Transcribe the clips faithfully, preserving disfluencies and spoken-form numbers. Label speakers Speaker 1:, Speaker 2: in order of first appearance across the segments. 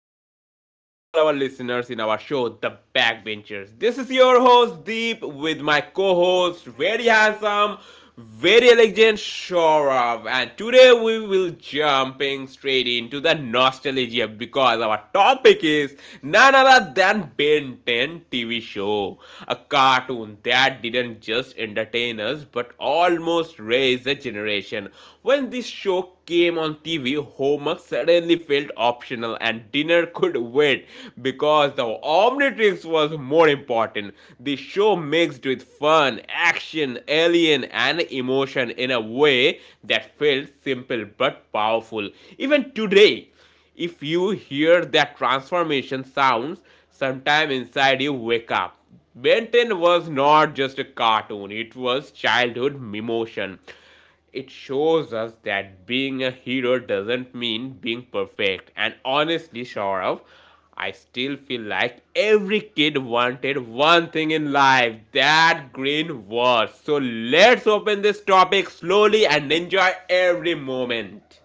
Speaker 1: welcome back to all our listeners in our show, The Backbenchers. This is your host Deep with my co-host, very handsome, very elegant Shorav, and today we will jumping straight into the nostalgia because our topic is none other than Ben ten T V show, a cartoon that didn't just entertain us but almost raised a generation. When this show came on T V, homework suddenly felt optional and dinner could wait because the Omnitrix was more important. The show mixed with fun, action, alien, and emotion in a way that felt simple but powerful. Even today, if you hear that transformation sounds, sometime inside you wake up. Ben ten was not just a cartoon, it was childhood emotion. It shows us that being a hero doesn't mean being perfect. And honestly, Shaurav, I still feel like every kid wanted one thing in life, that green world. So let's open this topic slowly and enjoy every moment.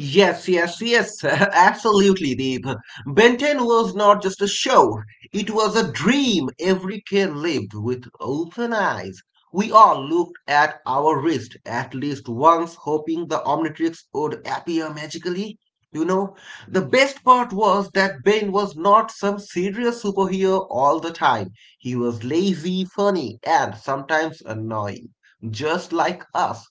Speaker 2: Yes, yes, yes, absolutely, Deep. Ben ten was not just a show, it was a dream every kid lived with open eyes. We all looked at our wrist at least once, hoping the Omnitrix would appear magically. You know, the best part was that Ben was not some serious superhero all the time. He was lazy, funny, and sometimes annoying, just like us.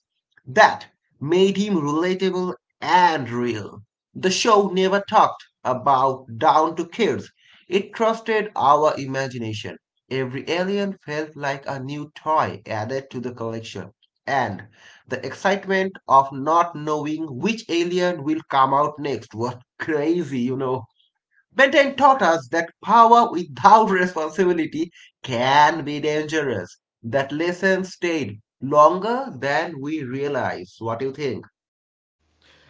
Speaker 2: That made him relatable and real. The show never talked about down to kids. It trusted our imagination. Every alien felt like a new toy added to the collection. And the excitement of not knowing which alien will come out next was crazy, you know. Ben ten taught us that power without responsibility can be dangerous. That lesson stayed longer than we realized. What do you think?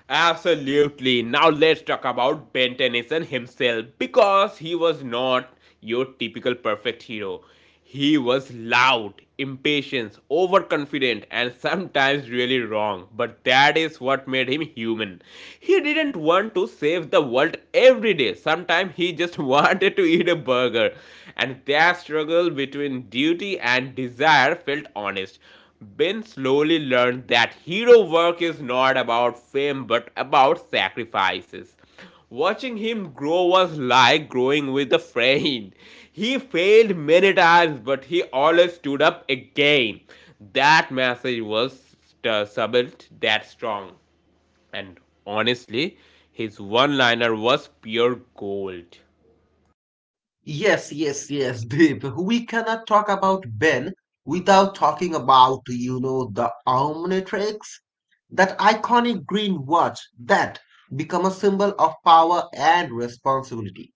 Speaker 1: Absolutely. Now let's talk about Ben Tennyson himself because he was not your typical perfect hero. He was loud, impatient, overconfident, and sometimes really wrong. But that is what made him human. He didn't want to save the world every day. Sometimes he just wanted to eat a burger. And that struggle between duty and desire felt honest. Ben slowly learned that hero work is not about fame but about sacrifices. Watching him grow was like growing with a friend. He failed many times but he always stood up again. That message was uh, subtle, that strong. And honestly, his one liner was pure gold.
Speaker 2: Yes, yes, yes, Deep. We cannot talk about Ben without talking about, you know, the Omnitrix. That iconic green watch that became a symbol of power and responsibility.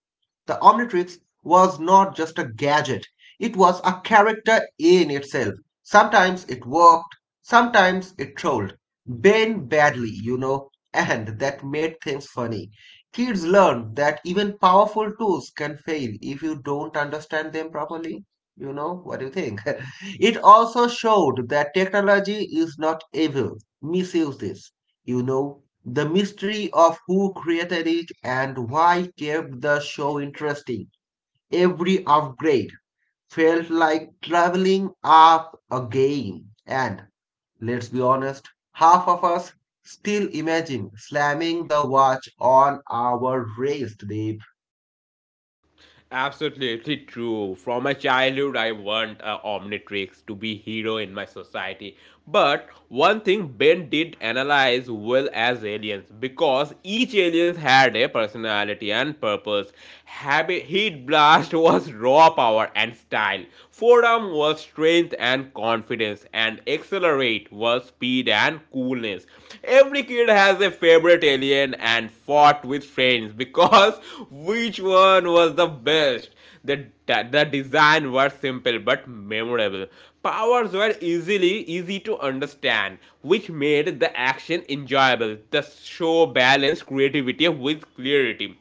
Speaker 2: The Omnitrix was not just a gadget, it was a character in itself. Sometimes it worked, sometimes it trolled. Bane badly, you know, and that made things funny. Kids learn that even powerful tools can fail if you don't understand them properly. You know, what do you think? It also showed that technology is not evil misuses. You know, the mystery of who created it and why kept the show interesting. Every upgrade felt like traveling up a game. And let's be honest, half of us still imagine slamming the watch on our wrist, Deep.
Speaker 1: Absolutely true. From my childhood, I want uh, Omnitrix to be hero in my society. But one thing Ben did analyze well as aliens because each aliens had a personality and purpose. Habit Heat Blast was raw power and style. Forearm was strength and confidence, and Accelerate was speed and coolness. Every kid has a favorite alien and fought with friends because which one was the best? The, the design was simple but memorable. Powers were easily easy to understand, which made the action enjoyable. The show balanced creativity with clarity.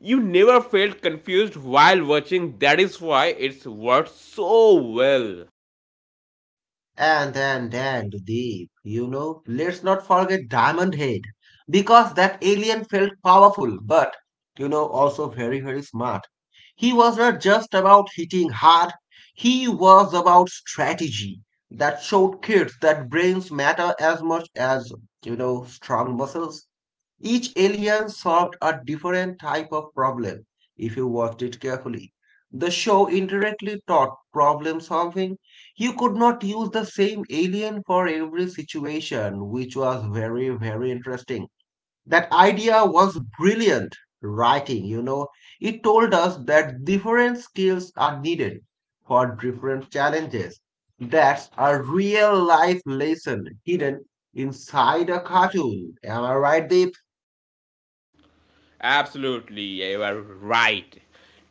Speaker 1: You never felt confused while watching, that is why it's worked so well.
Speaker 2: And and and Deep, you know, let's not forget Diamond Head because that alien felt powerful, but, you know, also very, very smart. He was not just about hitting hard, he was about strategy. That showed kids that brains matter as much as, you know, strong muscles. Each alien solved a different type of problem if you watched it carefully. The show indirectly taught problem solving. You could not use the same alien for every situation, which was very, very interesting. That idea was brilliant writing, you know. It told us that different skills are needed for different challenges. That's a real life lesson hidden inside a cartoon. Am I right, Deep?
Speaker 1: Absolutely, you are right.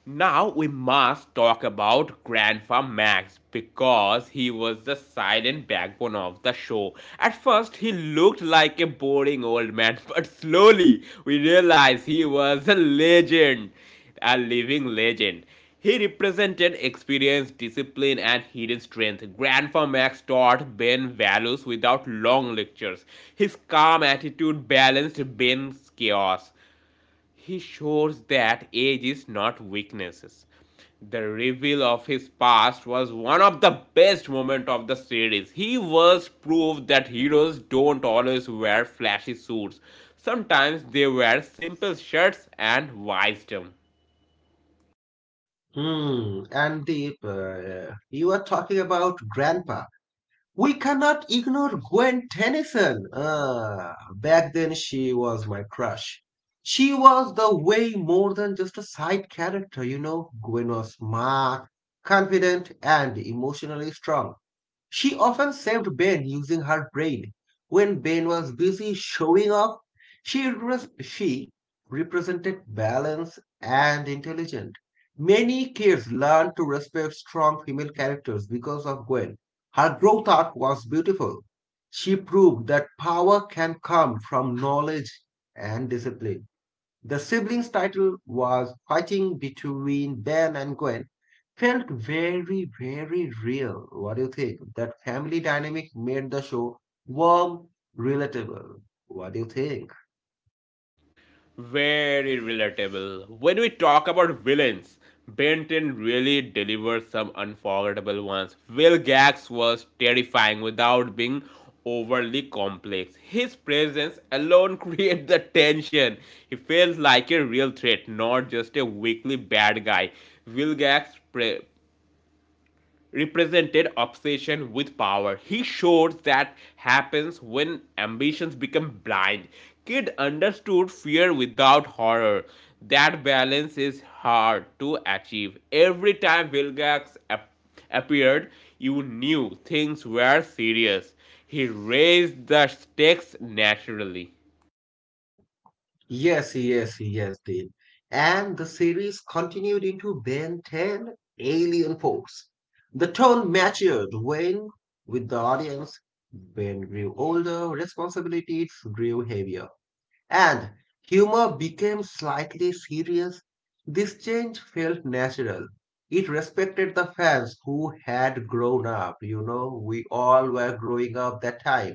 Speaker 1: Now we must talk about Grandpa Max because he was the silent backbone of the show. At first, he looked like a boring old man, but slowly we realized he was a legend, a living legend. He represented experience, discipline, and hidden strength. Grandpa Max taught Ben values without long lectures. His calm attitude balanced Ben's chaos. He shows that age is not weaknesses. The reveal of his past was one of the best moments of the series. He was proof that heroes don't always wear flashy suits. Sometimes they wear simple shirts and wisdom.
Speaker 2: Hmm. And Deep, uh, you are talking about grandpa. We cannot ignore Gwen Tennyson. Ah, back then she was my crush. She was the way more than just a side character, you know. Gwen was smart, confident, and emotionally strong. She often saved Ben using her brain. When Ben was busy showing off, she, repres- she represented balance and intelligence. Many kids learned to respect strong female characters because of Gwen. Her growth arc was beautiful. She proved that power can come from knowledge and discipline. The siblings' title was Fighting Between Ben and Gwen. Felt very, very real. What do you think? That family dynamic made the show warm, relatable. What do you think?
Speaker 1: Very relatable. When we talk about villains, Benton really delivers some unforgettable ones. Will Gax was terrifying without being overly complex. His presence alone creates the tension. He feels like a real threat, not just a weakly bad guy. Will Gax's pre- represented obsession with power. He showed that happens when ambitions become blind. Kid understood fear without horror. That balance is hard to achieve. Every time Vilgax ap- appeared, you knew things were serious. He raised the stakes naturally.
Speaker 2: Yes, yes, yes, Dave. And the series continued into Ben ten Alien Force. The tone matured when, with the audience, Ben grew older, responsibilities grew heavier, and humor became slightly serious. This change felt natural. It respected the fans who had grown up, you know, we all were growing up that time.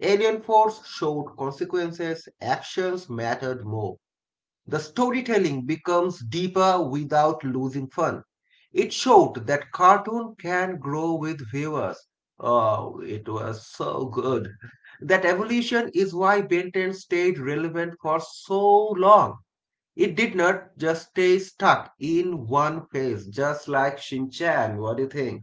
Speaker 2: Alien Force showed consequences, actions mattered more. The storytelling becomes deeper without losing fun. It showed that cartoon can grow with viewers. Oh, it was so good. That evolution is why Ben ten stayed relevant for so long. It did not just stay stuck in one phase, just like Shin Chan. What do you think?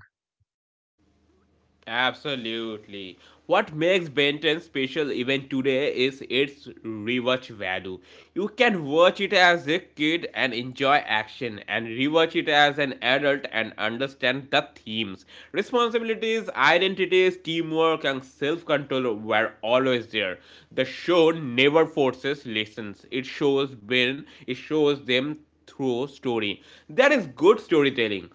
Speaker 1: Absolutely. What makes Ben ten special even today is its rewatch value. You can watch it as a kid and enjoy action, and rewatch it as an adult and understand the themes. Responsibilities, identities, teamwork, and self control were always there. The show never forces lessons, it shows Ben, it shows them through story. That is good storytelling.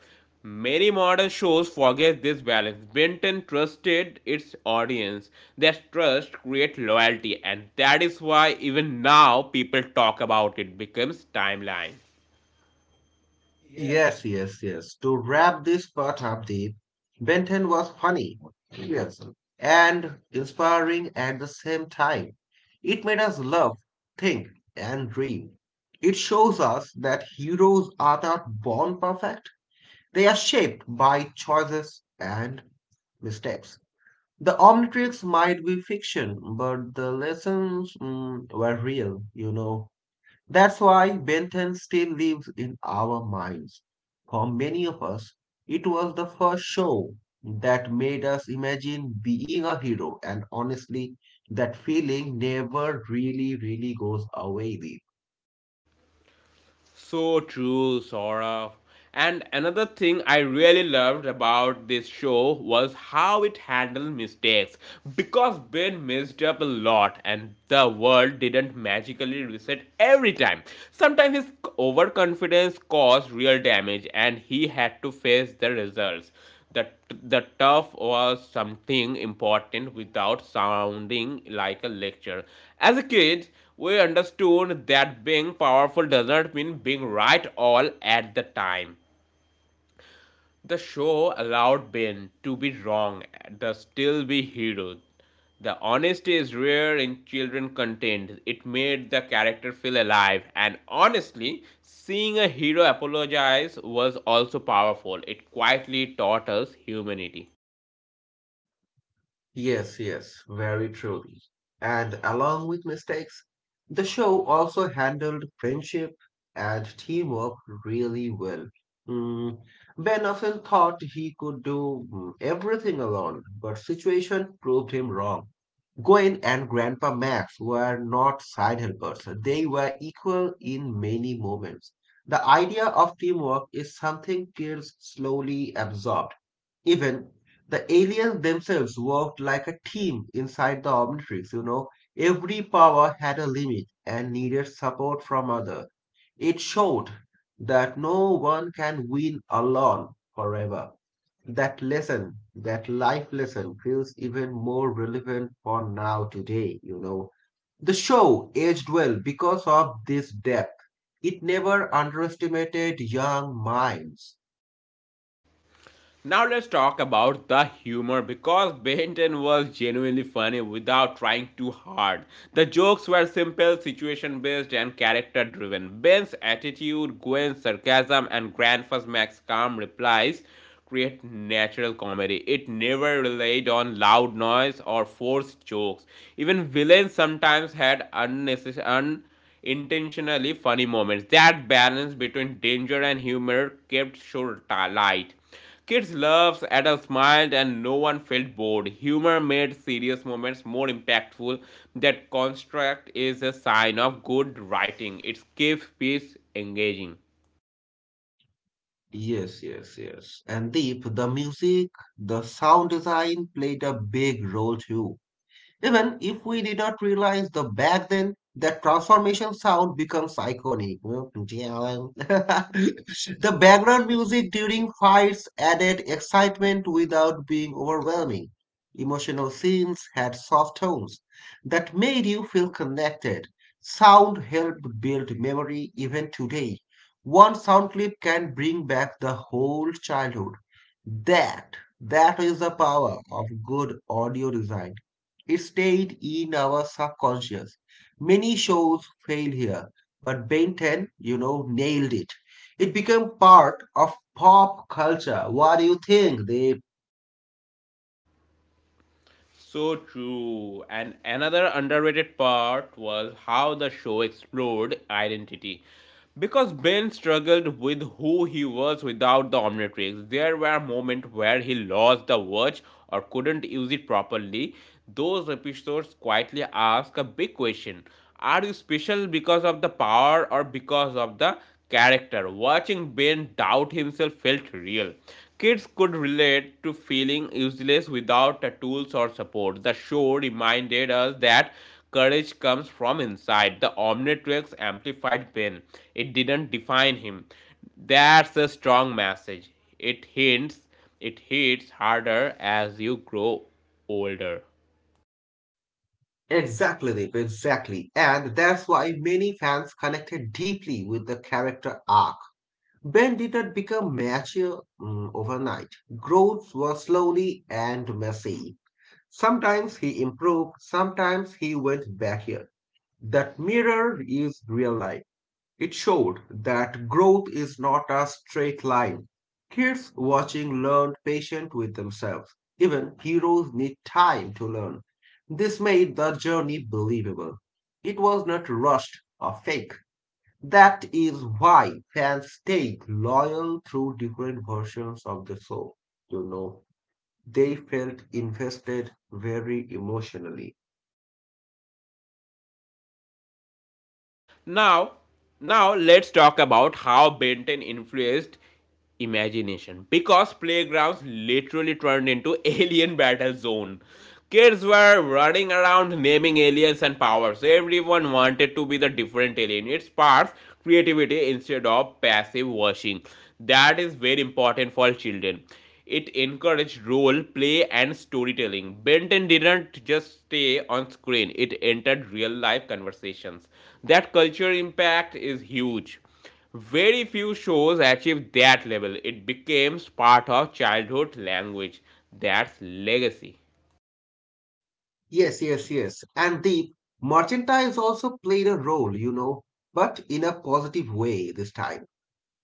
Speaker 1: Many modern shows forget this balance. Benton trusted its audience. That trust creates loyalty, and that is why even now people talk about it becomes timeline.
Speaker 2: Yes, yes, yes. To wrap this part up, Deep, Benton was funny, yes, and inspiring at the same time. It made us love, think, and dream. It shows us that heroes are not born perfect, they are shaped by choices and mistakes. The Omnitrix might be fiction, but the lessons mm, were real, you know. That's why Bentham still lives in our minds. For many of us, it was the first show that made us imagine being a hero, and honestly, that feeling never really, really goes away.
Speaker 1: So true, Saurabh. And another thing I really loved about this show was how it handled mistakes. Because Ben messed up a lot and the world didn't magically reset every time. Sometimes his overconfidence caused real damage and he had to face the results. The, the tough was something important without sounding like a lecture. As a kid, we understood that being powerful does not mean being right all at the time. The show allowed Ben to be wrong, to still be hero. The honesty is rare in children content. It made the character feel alive, and honestly, seeing a hero apologize was also powerful. It quietly taught us humanity.
Speaker 2: Yes, yes, very truly. And along with mistakes, the show also handled friendship and teamwork really well. Mm, Ben often thought he could do mm, everything alone, but situation proved him wrong. Gwen and Grandpa Max were not side helpers. They were equal in many moments. The idea of teamwork is something kids slowly absorb, even the aliens themselves worked like a team inside the Omnitrix, you know. Every power had a limit and needed support from other. It showed that no one can win alone forever. That lesson, that life lesson, feels even more relevant for now today, you know. The show aged well because of this depth. It never underestimated young minds.
Speaker 1: Now let's talk about the humor because Benton was genuinely funny without trying too hard. The jokes were simple, situation based, and character driven. Ben's attitude, Gwen's sarcasm, and Grandpa's Max's calm replies create natural comedy. It never relied on loud noise or forced jokes. Even villains sometimes had unnecessary. Un- intentionally funny moments. That balance between danger and humor kept the show light. Kids loved, adults smiled, and no one felt bored. Humor made serious moments more impactful. That construct is a sign of good writing. It keeps peace engaging.
Speaker 2: Yes, yes, yes. And Deep, the music, the sound design played a big role too. Even if we did not realize the back then, that transformation sound becomes iconic. The background music during fights added excitement without being overwhelming. Emotional scenes had soft tones that made you feel connected. Sound helped build memory even today. One sound clip can bring back the whole childhood. That that is the power of good audio design stayed in our subconscious. Many shows fail here, but Ben ten, you know, nailed it. It became part of pop culture. What do you think, they?
Speaker 1: So true. And another underrated part was how the show explored identity. Because Ben struggled with who he was without the Omnitrix, there were moments where he lost the watch or couldn't use it properly. Those episodes quietly ask a big question. Are you special because of the power or because of the character? Watching Ben doubt himself felt real. Kids could relate to feeling useless without the tools or support. The show reminded us that courage comes from inside. The Omnitrix amplified Ben. It didn't define him. That's a strong message. It hints, it hits harder as you grow older.
Speaker 2: Exactly, Deep, exactly. And that's why many fans connected deeply with the character arc. Ben did not become mature mm, overnight. Growth was slowly and messy. Sometimes he improved, sometimes he went backward. That mirror is real life. It showed that growth is not a straight line. Kids watching learned patient with themselves. Even heroes need time to learn. This made the journey believable. It was not rushed or fake. That is why fans stayed loyal through different versions of the show. You know, they felt invested very emotionally.
Speaker 1: Now, now let's talk about how Benton influenced imagination because playgrounds literally turned into alien battle zone. Kids were running around naming aliens and powers. Everyone wanted to be the different alien. It sparks creativity instead of passive watching. That is very important for children. It encouraged role play and storytelling. Benton didn't just stay on screen, it entered real life conversations. That cultural impact is huge. Very few shows achieved that level. It became part of childhood language. That's legacy.
Speaker 2: Yes, yes, yes. And the merchandise also played a role, you know, but in a positive way this time.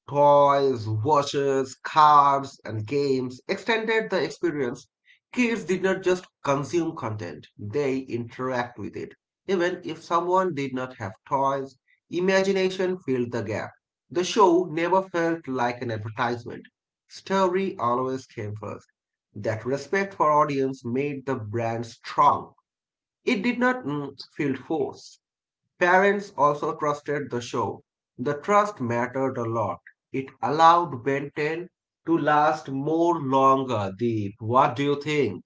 Speaker 2: Toys, watches, cards, and games extended the experience. Kids did not just consume content, they interact with it. Even if someone did not have toys, imagination filled the gap. The show never felt like an advertisement. Story always came first. That respect for audience made the brand strong. It did not mm, feel forced. Parents also trusted the show. The trust mattered a lot. It allowed Ben ten to last more longer. Deep, what do you think?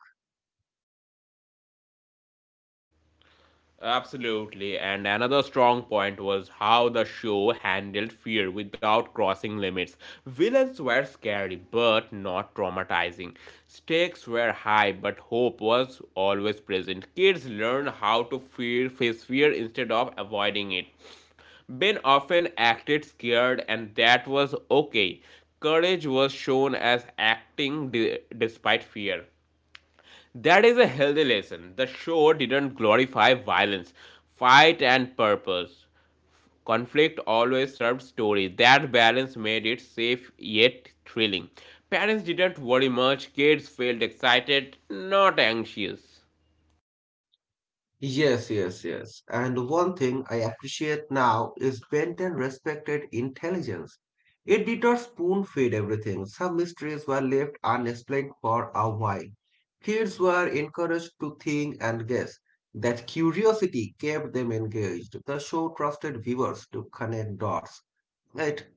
Speaker 1: Absolutely. And another strong point was how the show handled fear without crossing limits. Villains were scary but not traumatizing. Stakes were high but hope was always present. Kids learned how to fear face fear instead of avoiding it. Ben often acted scared and that was okay. Courage was shown as acting de- despite fear. That is a healthy lesson. The show didn't glorify violence, fight, and purpose. Conflict always served story. That balance made it safe yet thrilling. Parents didn't worry much, kids felt excited, not anxious.
Speaker 2: Yes, yes, yes. And one thing I appreciate now is Benton respected intelligence. It did not spoon feed everything. Some mysteries were left unexplained for a while. Kids were encouraged to think and guess. That curiosity kept them engaged. The show trusted viewers to connect dots. It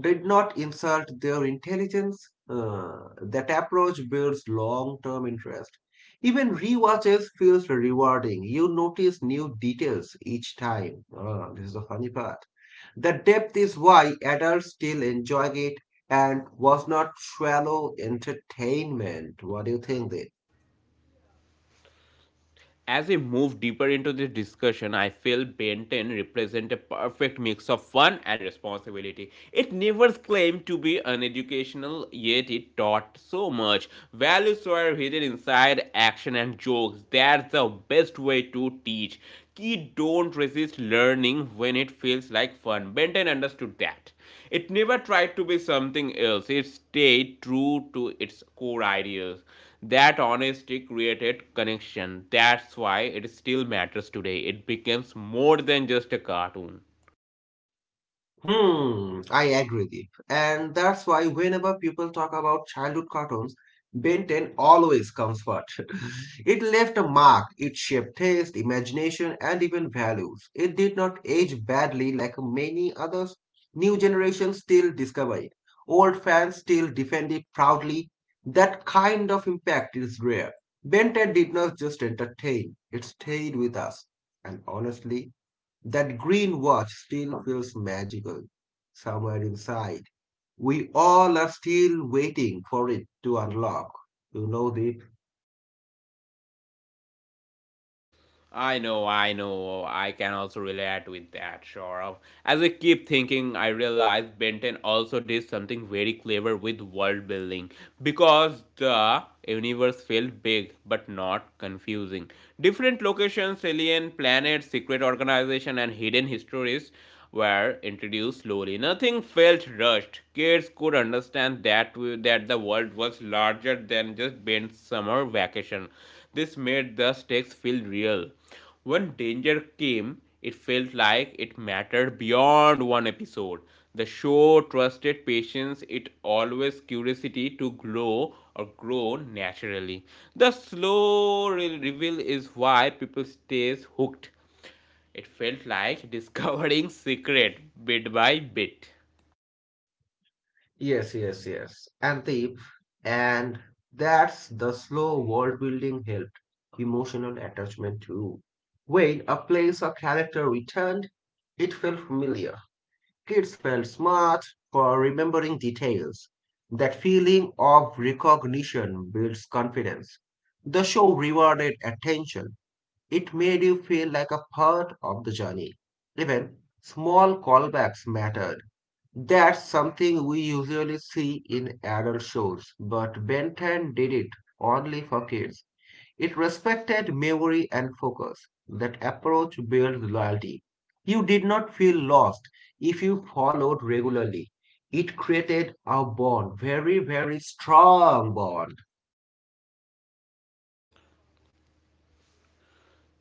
Speaker 2: did not insult their intelligence. Uh, that approach builds long term interest. Even rewatches feels rewarding. You notice new details each time. Ah, this is the funny part. The depth is why adults still enjoy it and was not shallow entertainment. What do you think, Dev?
Speaker 1: As we move deeper into this discussion, I feel Ben ten represents a perfect mix of fun and responsibility. It never claimed to be uneducational, yet it taught so much. Values were hidden inside action and jokes. That's the best way to teach. Kids don't resist learning when it feels like fun. Benton understood that. It never tried to be something else. It stayed true to its core ideas. That honesty created connection. That's why it still matters today. It becomes more than just a cartoon.
Speaker 2: Hmm, I agree with you. And that's why whenever people talk about childhood cartoons, Ben ten always comes first. It left a mark, it shaped taste, imagination, and even values. It did not age badly like many others. New generations still discover it. Old fans still defend it proudly. That kind of impact is rare. Ben ten did not just entertain, it stayed with us. And honestly, that green watch still feels magical somewhere inside. We all are still waiting for it to unlock. You know, Deep?
Speaker 1: I know, I know. I can also relate with that, Saurav. As I keep thinking, I realize Benton also did something very clever with world building because the universe felt big but not confusing. Different locations, alien planets, secret organization, and hidden histories were introduced slowly. Nothing felt rushed. Kids could understand that that the world was larger than just Ben's summer vacation. This made the stakes feel real. When danger came, it felt like it mattered beyond one episode. The show trusted patience, it always curiosity to grow or grow naturally. The slow re- reveal is why people stays hooked. It felt like discovering secret bit by bit.
Speaker 2: Yes, yes, yes. And Deep. And that's the slow world building helped emotional attachment too. When a place or character returned, it felt familiar. Kids felt smart for remembering details. That feeling of recognition builds confidence. The show rewarded attention. It made you feel like a part of the journey. Even small callbacks mattered. That's something we usually see in adult shows, but Ben ten did it only for kids. It respected memory and focus. That approach builds loyalty. You did not feel lost if you followed regularly. It created a bond, very, very strong bond.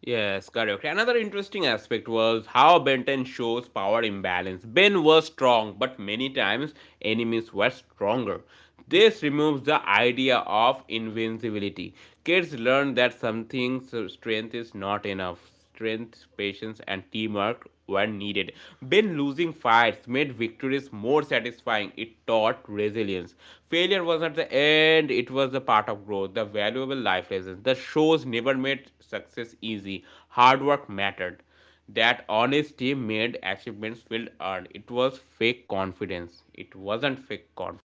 Speaker 1: Yes, correct. Another interesting aspect was how Benton shows power imbalance. Ben was strong, but many times enemies were stronger. This removes the idea of invincibility. Kids learn that something's strength is not enough. Strength, patience, and teamwork were needed. When losing fights made victories more satisfying, it taught resilience. Failure was not the end, it was the part of growth, the valuable life lessons. The shows never made success easy, hard work mattered. That honesty made achievements feel earned. It was fake confidence. It wasn't fake confidence.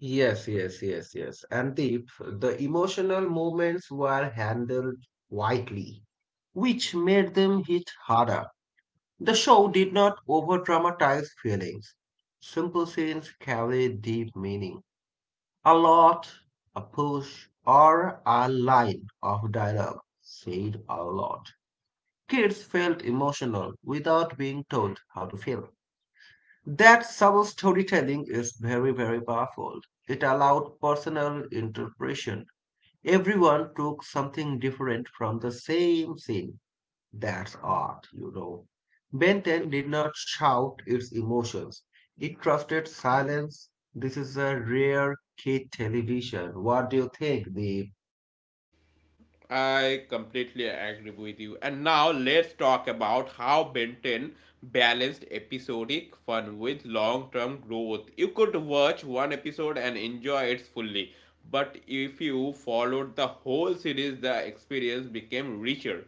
Speaker 2: Yes, yes, yes, yes. And the, the emotional moments were handled quietly, which made them hit harder. The show did not over dramatize feelings. Simple scenes carried deep meaning. A lot, a push, or a line of dialogue said a lot. Kids felt emotional without being told how to feel. That subtle storytelling is very, very powerful. It allowed personal interpretation. Everyone took something different from the same scene. That's art, you know. Ben ten did not shout its emotions. It trusted silence. This is a rare kid television. What do you think, Deep?
Speaker 1: I completely agree with you. And now let's talk about how Benton balanced episodic fun with long term growth. You could watch one episode and enjoy it fully, but if you followed the whole series, the experience became richer.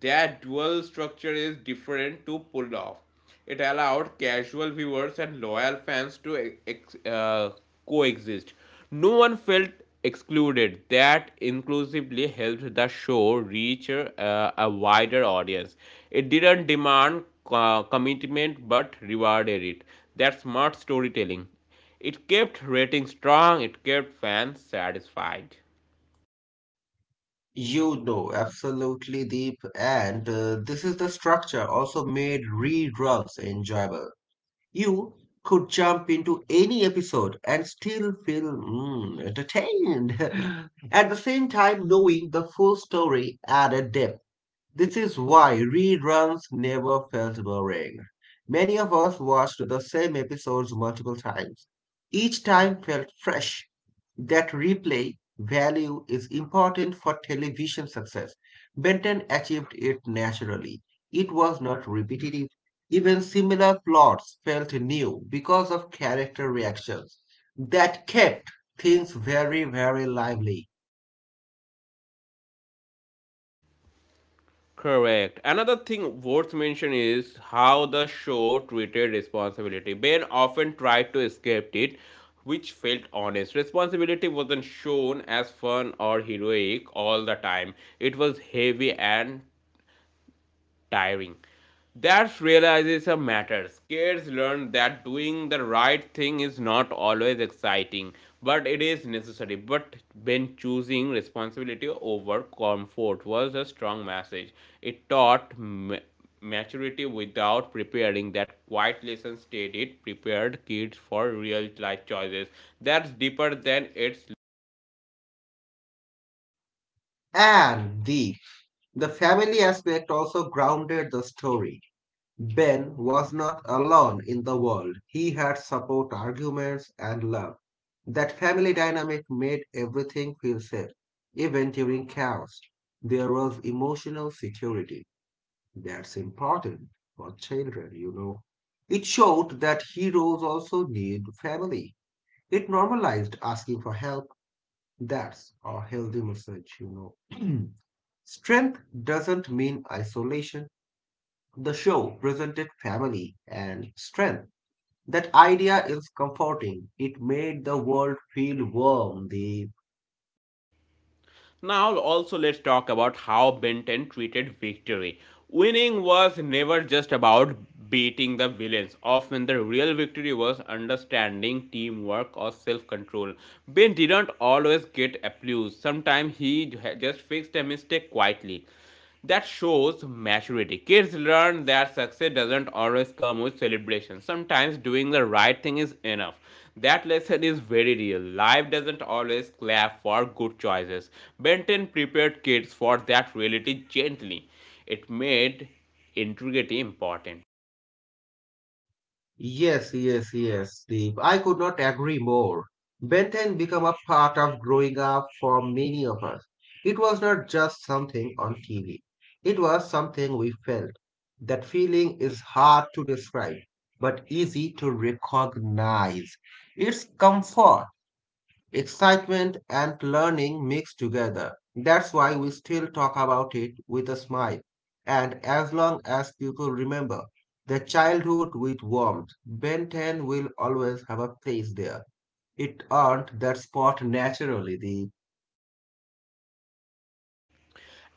Speaker 1: That dual structure is different to pull off. It allowed casual viewers and loyal fans to e-, ex- uh, coexist. No one felt excluded. That inclusively helped the show reach uh, a wider audience. It didn't demand uh, commitment but rewarded it. That's smart storytelling. It kept ratings strong, it kept fans satisfied.
Speaker 2: You know, absolutely, Deep. And uh, This is the structure also made reruns enjoyable. You could jump into any episode and still feel mm, entertained. At the same time, knowing the full story added depth. This is why reruns never felt boring. Many of us watched the same episodes multiple times. Each time felt fresh. That replay value is important for television success. Benton achieved it naturally. It was not repetitive. Even similar plots felt new because of character reactions. That kept things very, very lively.
Speaker 1: Correct. Another thing worth mentioning is how the show treated responsibility. Ben often tried to escape it, which felt honest. Responsibility wasn't shown as fun or heroic all the time, it was heavy and tiring. That realization matters. Kids learn that doing the right thing is not always exciting, but it is necessary. But when choosing responsibility over comfort was a strong message, it taught ma- maturity without preparing. That quiet lesson stayed, it prepared kids for real life choices. That's deeper than its.
Speaker 2: And the The family aspect also grounded the story. Ben was not alone in the world. He had support, arguments, and love. That family dynamic made everything feel safe, even during chaos. There was emotional security. That's important for children, you know. It showed that heroes also need family. It normalized asking for help. That's a healthy message, you know. Strength doesn't mean isolation. The show presented family and strength. That idea is comforting. It made the world feel warm, Deep.
Speaker 1: Now, also, let's talk about how Benton treated victory. Winning was never just about beating the villains. Often, the real victory was understanding, teamwork, or self control. Ben didn't always get applause, sometimes he just fixed a mistake quietly, that shows maturity. Kids learn that success doesn't always come with celebration. Sometimes doing the right thing is enough. That lesson is very real. Life doesn't always clap for good choices. Benton prepared kids for that reality gently. It made integrity important.
Speaker 2: Yes, yes, yes, Deep. I could not agree more. Ben ten became a part of growing up for many of us. It was not just something on T V. It was something we felt. That feeling is hard to describe, but easy to recognize. It's comfort. Excitement and learning mixed together. That's why we still talk about it with a smile. And as long as people remember their childhood with warmth, Ben ten will always have a place there. It earned that spot naturally, the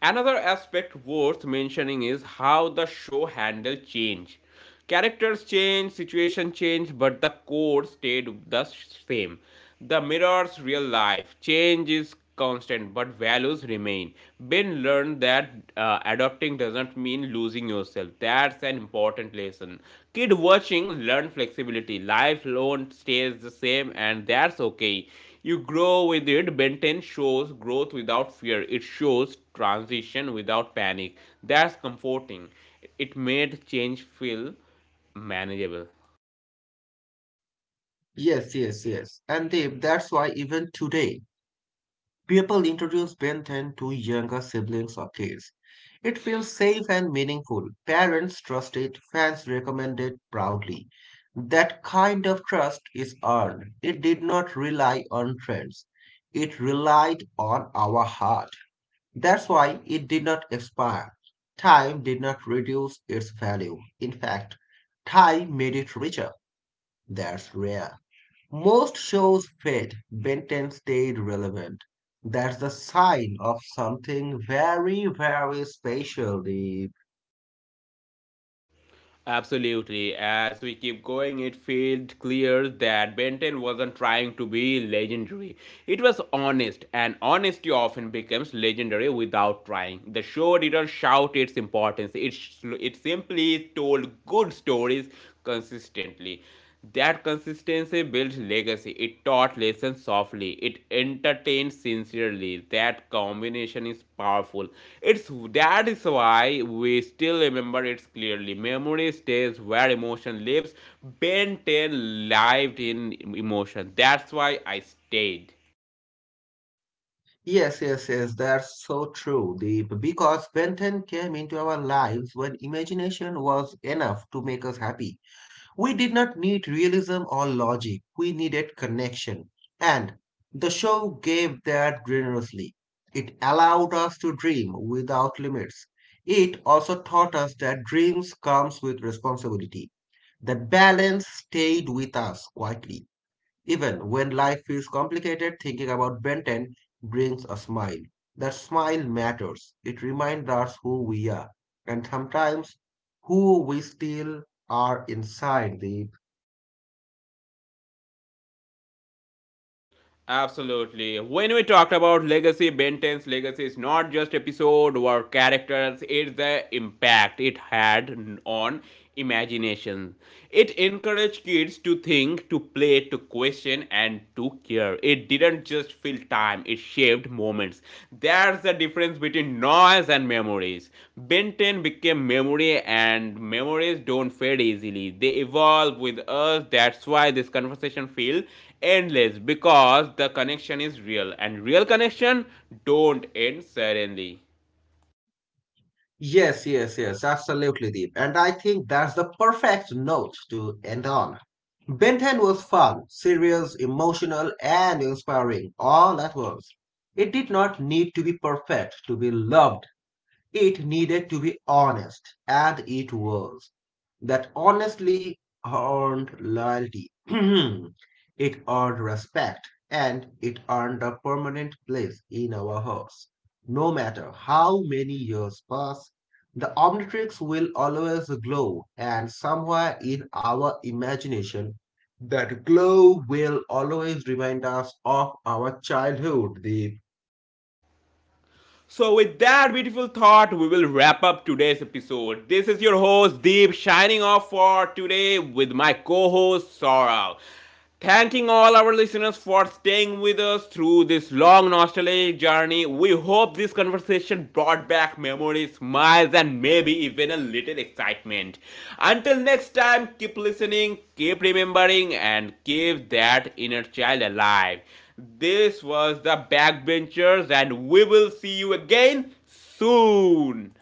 Speaker 1: Another aspect worth mentioning is how the show handled change. Characters change, situation change, but the core stayed the same. The mirrors real life. Change is constant, but values remain. Ben learned that uh, adopting doesn't mean losing yourself. That's an important lesson. Kid watching learn flexibility. Life alone stays the same, and that's okay. You grow with it. Ben ten shows growth without fear. It shows transition without panic. That's comforting. It made change feel manageable.
Speaker 2: Yes, yes, yes. And Deep, that's why even today, people introduce Ben ten to younger siblings or kids. It feels safe and meaningful. Parents trust it, fans recommend it proudly. That kind of trust is earned. It did not rely on trends. It relied on our heart. That's why it did not expire. Time did not reduce its value. In fact, time made it richer. That's rare. Most shows fade. Benton stayed relevant. That's the sign of something very, very special, Deep.
Speaker 1: Absolutely. As we keep going, it feels clear that Benton wasn't trying to be legendary. It was honest, and honesty often becomes legendary without trying. The show didn't shout its importance, it, sh- it simply told good stories consistently. That consistency builds legacy. It taught lessons softly. It entertained sincerely. That combination is powerful. It's that is why we still remember it clearly. Memory stays where emotion lives. Ben ten lived in emotion. That's why I stayed.
Speaker 2: Yes, yes, yes, that's so true, Deep. Because Benton came into our lives when imagination was enough to make us happy. We did not need realism or logic, we needed connection. And the show gave that generously. It allowed us to dream without limits. It also taught us that dreams comes with responsibility. That balance stayed with us quietly. Even when life feels complicated, thinking about Benton brings a smile. That smile matters. It reminds us who we are, and sometimes who we still are inside the
Speaker 1: Absolutely. When we talked about legacy, Ben ten's legacy is not just episode or characters, it's the impact it had on imagination. It encouraged kids to think, to play, to question, and to care. It didn't just fill time, it shaped moments. That's the difference between noise and memories. Ben ten became memory, and memories don't fade easily, they evolve with us. That's why this conversation feels endless because the connection is real and real connection don't end suddenly.
Speaker 2: Yes, yes, yes, absolutely, Deep. And I think that's the perfect note to end on. Ben ten was fun, serious, emotional, and inspiring all at once. It did not need to be perfect to be loved, it needed to be honest, and it was. That honestly earned loyalty. It earned respect, and it earned a permanent place in our hearts. No matter how many years pass, the Omnitrix will always glow, and somewhere in our imagination, that glow will always remind us of our childhood, the
Speaker 1: So, with that beautiful thought, we will wrap up today's episode. This is your host Deep shining off for today with my co host Saurav. Thanking all our listeners for staying with us through this long nostalgic journey. We hope this conversation brought back memories, smiles, and maybe even a little excitement. Until next time, keep listening, keep remembering, and keep that inner child alive. This was the Backbenchers, and we will see you again soon.